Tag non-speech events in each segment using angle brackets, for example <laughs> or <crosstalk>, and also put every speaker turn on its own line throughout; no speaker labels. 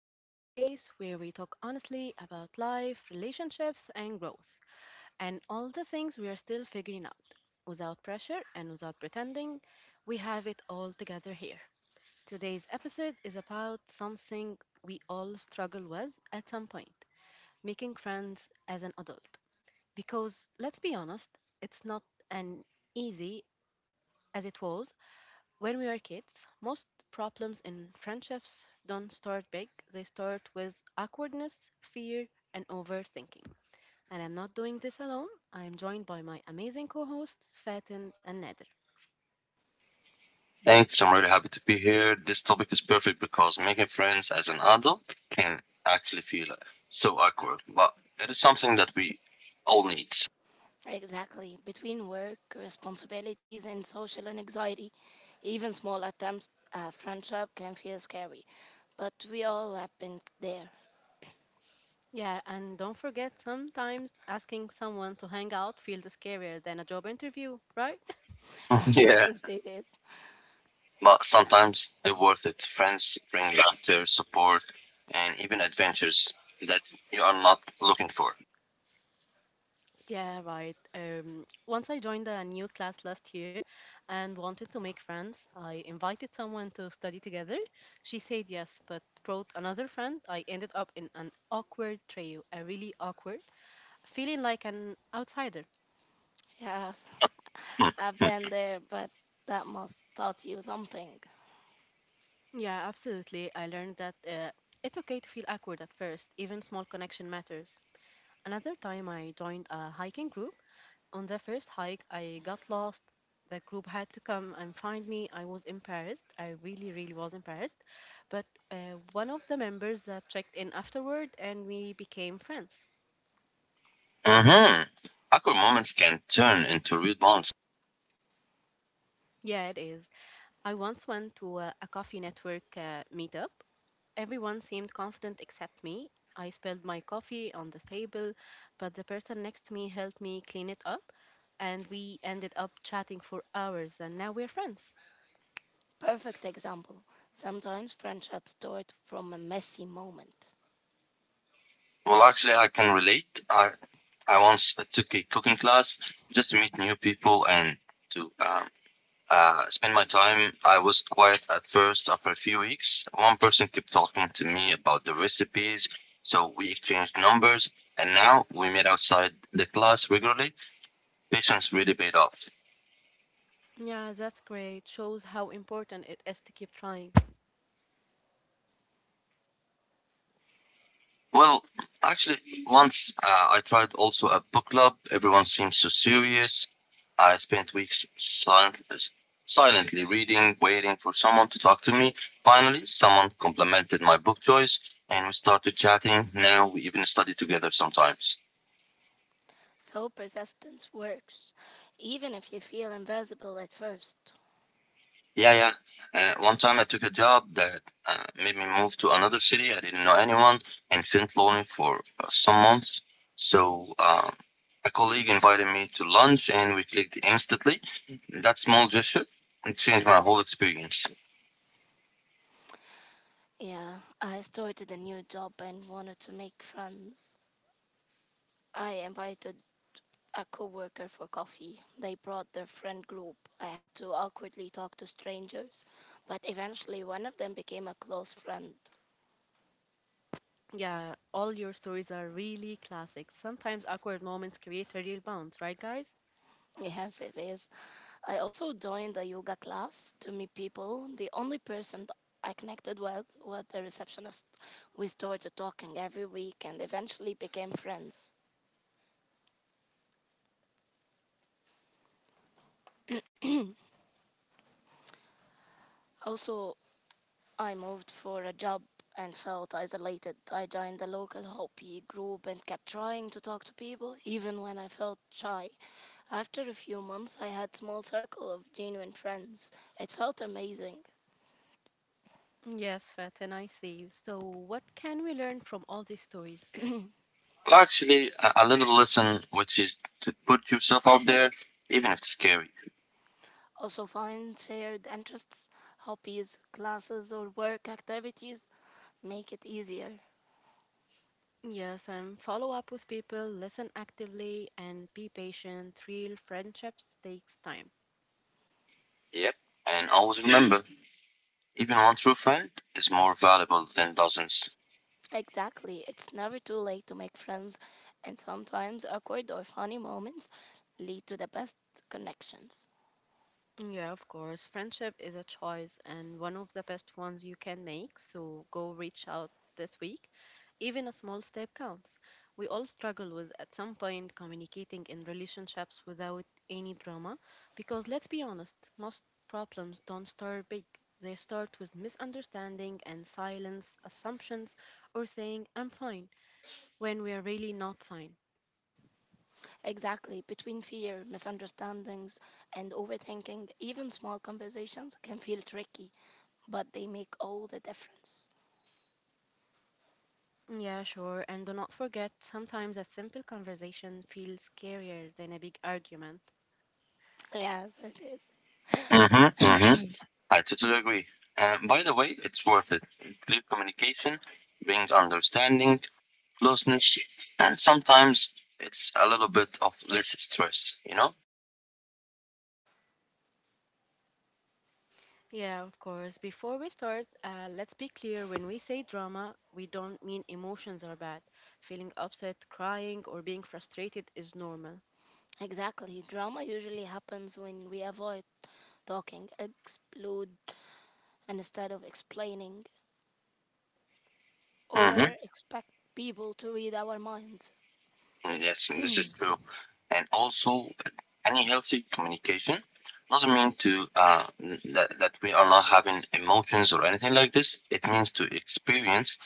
This is a space where we talk honestly about life, relationships, and growth, and all the things we are still figuring out. Without pressure and without pretending, we have it all together here. Today's episode is about something we all struggle with at some point making friends as an adult. Because let's be honest, it's not an easy as it was when we are kids, most problems in friendships don't start big. They start with awkwardness, fear, and overthinking. And I'm not doing this alone. I'm joined by my amazing co hosts, Fatin and Nader.
Thanks. I'm really happy to be here. This topic is perfect because making friends as an adult can actually feel so awkward, but it is something that we all need.
Exactly. Between work, responsibilities, and social anxiety, even small attempts at friendship can feel scary. But we all have been there.
Yeah, and don't forget sometimes asking someone to hang out feels scarier than a job interview, right?
<laughs> Yeah,
<laughs> As it is.
but sometimes it's worth it. Friends bring laughter, support, and even adventures that you are not looking for.
Yeah, right. Once I joined a new class last year and wanted to make friends, I invited someone to study together. She said yes, but brought another friend. I ended up in an awkward trio, a really awkward, feeling like an outsider.
Yes, I've
<laughs>
been there, but that must taught you something.
Yeah, absolutely. I learned that it's okay to feel awkward at first, even small connection matters. Another time I joined a hiking group. On the first hike, I got lost. The group had to come and find me. I was embarrassed. I really, really was embarrassed. But one of the members that checked in afterward and we became friends.
Mm-hmm. Awkward moments can turn into real bonds.
Yeah, it is. I once went to a coffee network meetup. Everyone seemed confident except me. I spilled my coffee on the table, but the person next to me helped me clean it up. And we ended up chatting for hours, and now we're friends.
Perfect example. Sometimes friendships start from a messy moment.
Well, actually, I can relate. I once took a cooking class just to meet new people and to spend my time. I was quiet at first. After a few weeks, one person kept talking to me about the recipes, so we exchanged numbers, and now we meet outside the class regularly. Patience really paid off.
Yeah, that's great. Shows how important it is to keep trying.
Well, actually, once, I tried also a book club. Everyone seemed so serious. I spent weeks silently reading, waiting for someone to talk to me. Finally, someone complimented my book choice, and we started chatting. Now we even study together sometimes.
So persistence works, even if you feel invisible at first.
Yeah, yeah. One time I took a job that made me move to another city. I didn't know anyone and felt lonely for some months. So a colleague invited me to lunch and we clicked instantly. That small gesture it changed my whole experience.
Yeah, I started a new job and wanted to make friends. I invited a coworker for coffee. They brought their friend group. I had to awkwardly talk to strangers, but eventually one of them became a close friend. <laughs>
Yeah, all your stories are really classic. Sometimes awkward moments create a real bounce, right, guys?
Yes, it is. I also joined a yoga class to meet people. The only person I connected with was the receptionist. We started talking every week and eventually became friends. Also, I moved for a job and felt isolated. I joined the local Hopi group and kept trying to talk to people, even when I felt shy. After a few months, I had a small circle of genuine friends. It felt amazing.
Yes, Fatin, I see. So, what can we learn from all these stories?
Well, actually, a little lesson, which is to put yourself out there, even if it's scary.
Also, find shared interests, hobbies, classes, or work activities make it easier.
Yes, and follow up with people, listen actively, and be patient. Real friendships takes time.
Yep. And always remember, even one true friend is more valuable than dozens.
Exactly, it's never too late to make friends, and sometimes awkward or funny moments lead to the best connections.
Yeah, of course. Friendship is a choice and one of the best ones you can make. So go reach out this week. Even a small step counts. We all struggle with, at some point, communicating in relationships without any drama. Because let's be honest, most problems don't start big. They start with misunderstanding and silence, assumptions, or saying, I'm fine, when we are really not fine.
Exactly. Between fear, misunderstandings, and overthinking, even small conversations can feel tricky, but they make all the difference.
Yeah, sure. And do not forget, sometimes a simple conversation feels scarier than a big argument.
Yes, it is.
Mm-hmm. Mm-hmm. I totally agree. And by the way, it's worth it. Clear communication brings understanding, closeness, and sometimes it's a little bit of less stress, you know?
Yeah, of course. Before we start, let's be clear when we say drama, we don't mean emotions are bad. Feeling upset, crying, or being frustrated is normal.
Exactly. Drama usually happens when we avoid talking, explode, and instead of explaining
Mm-hmm.
or expect people to read our minds.
Yes, and this is true. And also, any healthy communication doesn't mean to that we are not having emotions or anything like this. It means to experience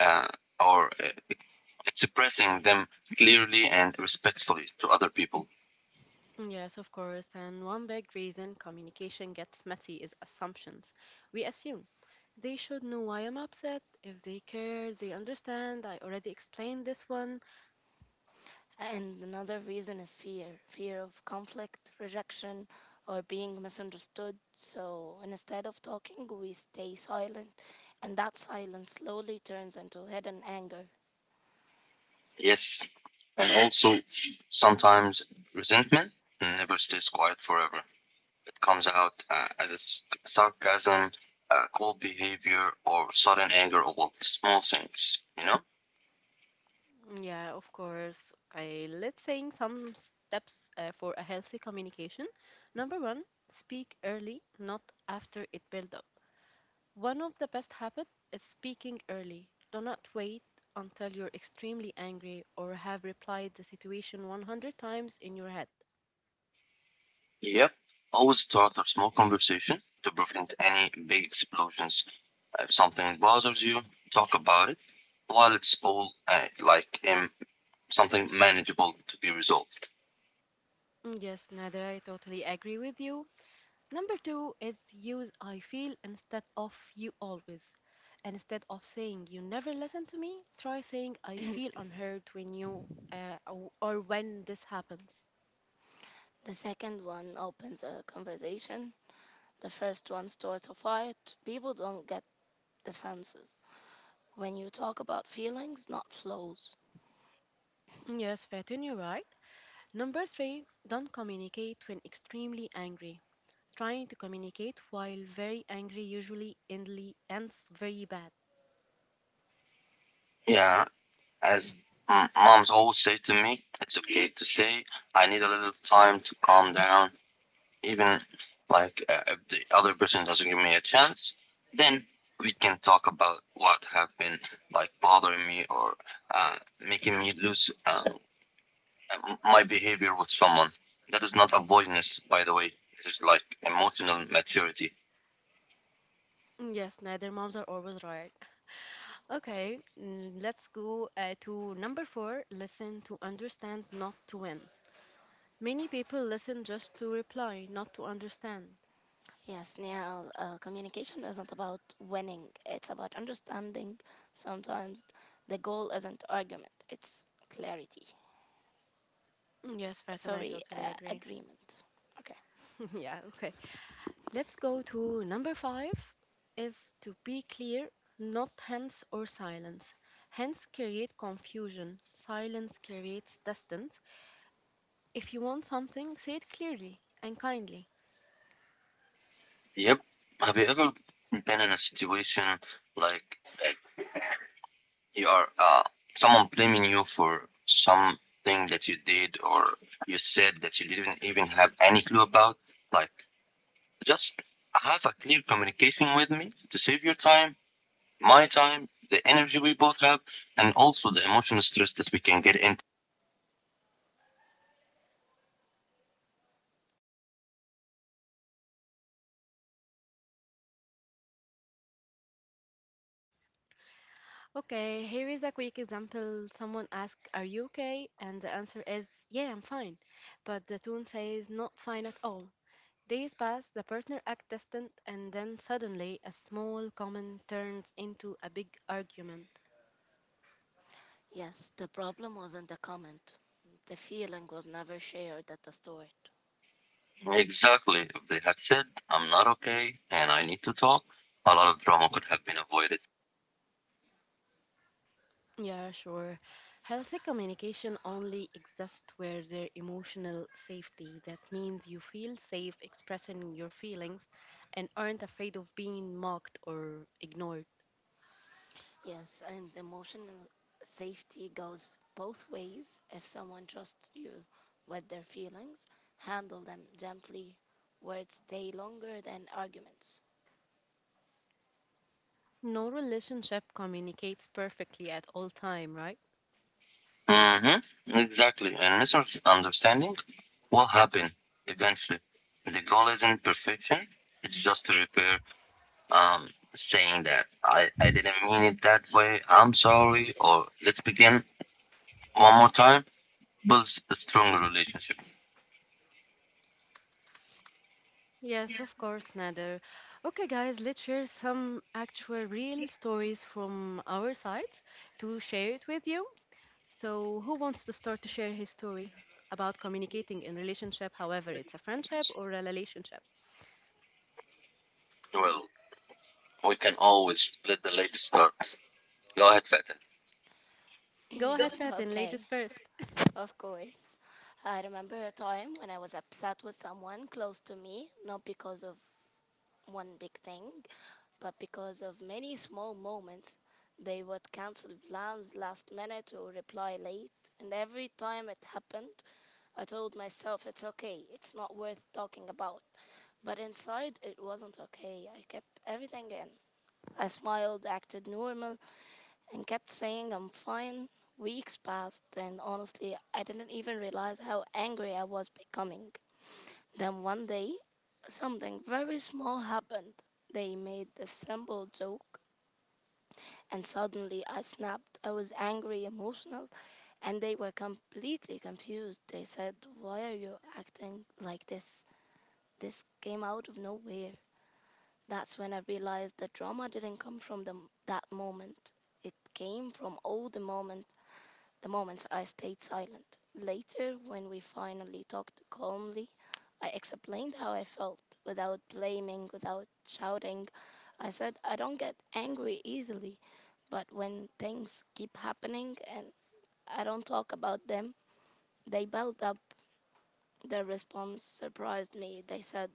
uh, or expressing them clearly and respectfully to other people.
Yes, of course. And one big reason communication gets messy is assumptions. We assume they should know why I'm upset. If they care, they understand. I already explained this one.
And another reason is fear of conflict, rejection, or being misunderstood. So instead of talking, we stay silent, and that silence slowly turns into hidden anger.
Yes, and also sometimes resentment never stays quiet forever. It comes out as a sarcasm, cold behavior, or sudden anger over small things, you know?
Yeah, of course. Okay, let's say some steps for a healthy communication. Number one, speak early, not after it build up. One of the best habits is speaking early. Do not wait until you're extremely angry or have replied the situation 100 times in your head.
Yep. Always start a small conversation to prevent any big explosions. If something bothers you, talk about it while it's all something manageable to be resolved.
Mm, yes, Nader, I totally agree with you. Number two is use I feel instead of you always. Instead of saying you never listen to
Defensive.
me, try saying I feel unheard when you or when this happens.
The second one opens a conversation, the first one starts a fight. People don't get defenses. When you talk about feelings, not flows.
Yes, Fatin, you're right. Number three, don't communicate when extremely angry. Trying to communicate while very angry usually endly ends very bad.
Yeah, as moms always say to me, it's okay to say, I need a little time to calm down. Even if the other person doesn't give me a chance, then we can talk about what have been like bothering me or making me lose my behavior with someone. That is not avoidance, by the way. It is like emotional maturity.
Yes, neither moms are always right. Okay, mm, let's go to number four listen to understand, not to win. Many people listen just to reply, not to understand.
Yes, Neil, communication isn't about winning, it's about understanding. Sometimes the goal isn't argument, it's clarity.
Mm, yes, Fatin, I
Sorry,
totally agree.
agreement. Okay.
<laughs> Yeah, okay. Let's go to number five is to be clear, not hence or silence. Hence create confusion. Silence creates distance. If you want something, say it clearly and kindly.
Yep. Have you ever been in a situation like uh, you're someone blaming you for something that you did or you said that you didn't even have any clue about. Like, just have a clear communication with me to save your time, my time, the energy we both have, and also the emotional stress that we can get into.
Okay, here is a quick example. Someone asks, are you okay? And the answer is, yeah, I'm fine. But the tone says, not fine at all. Days pass, the partner act distant, and then suddenly a small comment turns into a big argument.
Yes, the problem wasn't the comment. The feeling was never shared at the start.
Exactly. If they had said, I'm not okay and I need to talk, a lot of drama could have been avoided.
Yeah, sure. Healthy communication only exists where there's emotional safety. That means you feel safe expressing your feelings and aren't afraid of being mocked or ignored.
Yes, and emotional safety goes both ways. If someone trusts you with their feelings, handle them gently. Words stay longer than arguments.
No relationship communicates perfectly at all time, right?
Mm-hmm. Exactly. And research understanding what happened eventually. The goal isn't perfection. It's just to repair. Um, saying that I didn't mean it that way. I'm sorry. Or let's begin one more time. Builds a stronger relationship.
Yes, of course, Nader. Okay, guys, let's share some actual real stories from our side to share it with you. So, who wants to start to share his story about communicating in relationship, however it's a friendship or a relationship?
Well, we can always let the lady start. Go ahead, Fatin.
Go ahead, Fatin, ladies
Okay,
first.
of course. I remember a time when I was upset with someone close to me, not because of one big thing, but because of many small moments. They would cancel plans last minute or reply late, and every time it happened, I told myself it's okay, it's not worth talking about. But inside, it wasn't okay. I kept everything in. I smiled, acted normal, and kept saying I'm fine. Weeks passed, and honestly, I didn't even realize how angry I was becoming. Then one day, something very small happened. They made the simple joke, and suddenly I snapped. I was angry, emotional, and they were completely confused. They said, "Why are you acting like this? This came out of nowhere." That's when I realized the drama didn't come from that moment. It came from the moments I stayed silent. Later, when we finally talked calmly, I explained how I felt without blaming, without shouting. I said I don't get angry easily, but when things keep happening and I don't talk about them, they build up. Their response surprised me. They said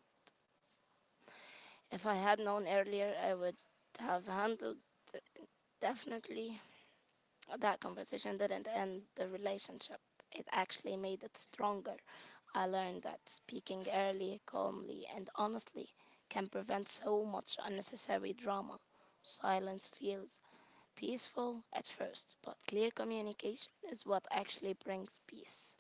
if I had known earlier, I would have handled uh, Definitely, that conversation didn't end the relationship. It actually made it stronger. I learned that speaking early, calmly, and honestly can prevent so much unnecessary drama. Silence feels peaceful at first, but clear communication is what actually brings peace.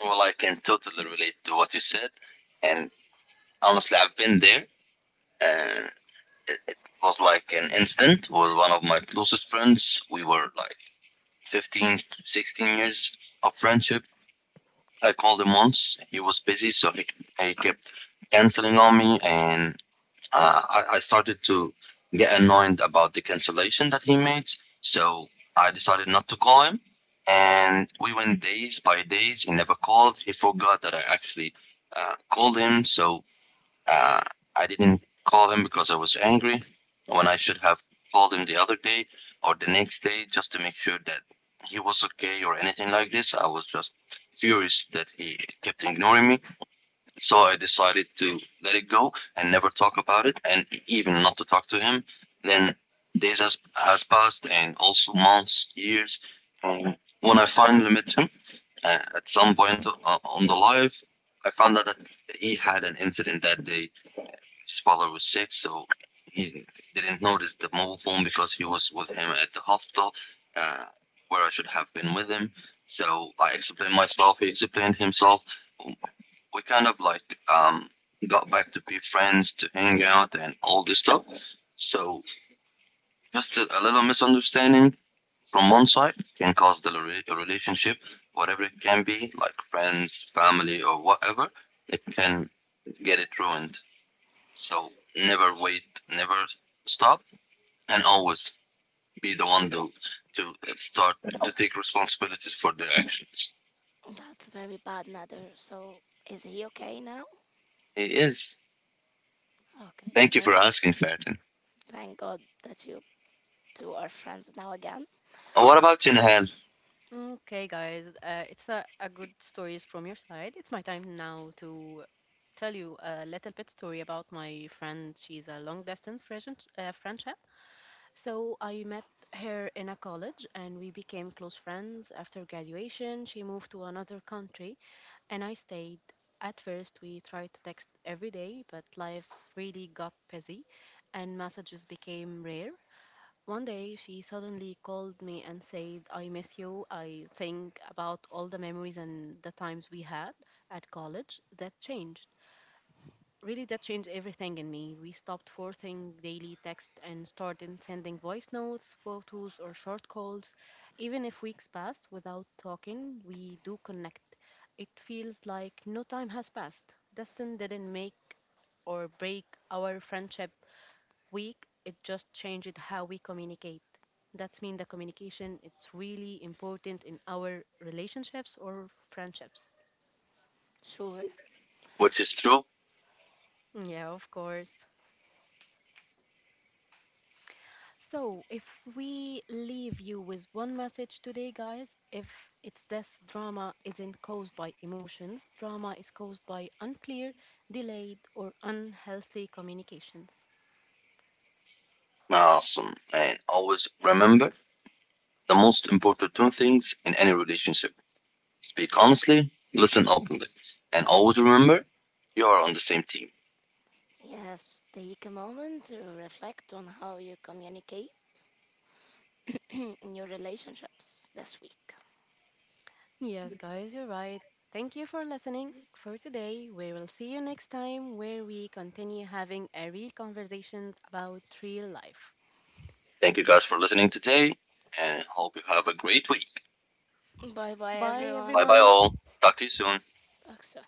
Well, I can totally relate to what you said, and honestly, I've been there. And it was like an incident with one of my closest friends. We were like 15, to 16 years of friendship. I called him once. He was busy, so he kept canceling on me, and I started to get annoyed about the cancellation that he made. So I decided not to call him. And we went days by days. He never called. He forgot that I actually called him. So uh, I didn't call him because I was angry when I should have called him the other day or the next day just to make sure that he was okay or anything like this. I was just furious that he kept ignoring me. So I decided to let it go and never talk about it and even not to talk to him. Then days has passed and also months, years. And when I finally met him at some point on the live, I found out that he had an incident that day his father was sick, so he didn't notice the mobile phone because he was with him at the hospital, uh, where I should have been with him. So I explained myself. He explained himself. We kind of like got back to be friends, to hang out, and all this stuff. So just a little misunderstanding from one side can cause the relationship, whatever it can be, like friends, family, or whatever, it can get it ruined. So never wait, never stop, and always be the one though to start to take responsibilities for their actions.
That's very bad, Nader. So, is he okay now?
It is.
Okay,
Thank you for asking, Fatin.
Thank God that you two are friends now again.
What about you, Nihal?
Okay, guys, it's a good stories from your side. It's my time now to tell you a little bit story about my friend. She's a long distance friendship. Friendship. So I met her in a college and we became close friends. After graduation, she moved to another country and I stayed. At first, we tried to text every day, but lives really got busy and messages became rare. One day, she suddenly called me and said, I miss you. I think about all the memories and the times we had at college that changed. Really, that changed everything in me. We stopped forcing daily text and started sending voice notes, photos, or short calls. Even if weeks pass without talking, we do connect. It feels like no time has passed. Dustin didn't make or break our friendship weak, it just changed how we communicate. That's mean the communication it's really important in our relationships or friendships.
Sure.
Which is true?
Yeah, of course. So, if we leave you with one message today, guys, if it's this drama isn't caused by emotions, drama is caused by unclear, delayed, or unhealthy communications.
Awesome. And always remember the most important two things in any relationship speak honestly, listen openly, and always remember you are on the same team.
Yes, take a moment to reflect on how you communicate <clears throat> in your relationships this week.
Yes, guys, you're right. Thank you for listening. For today, we will see you next time where we continue having a real conversations about real life.
Thank you guys for listening today, and hope you have a great week.
Bye bye,
Bye,
everyone.
Bye bye,
everyone.
all. Talk to you soon.
Talk soon.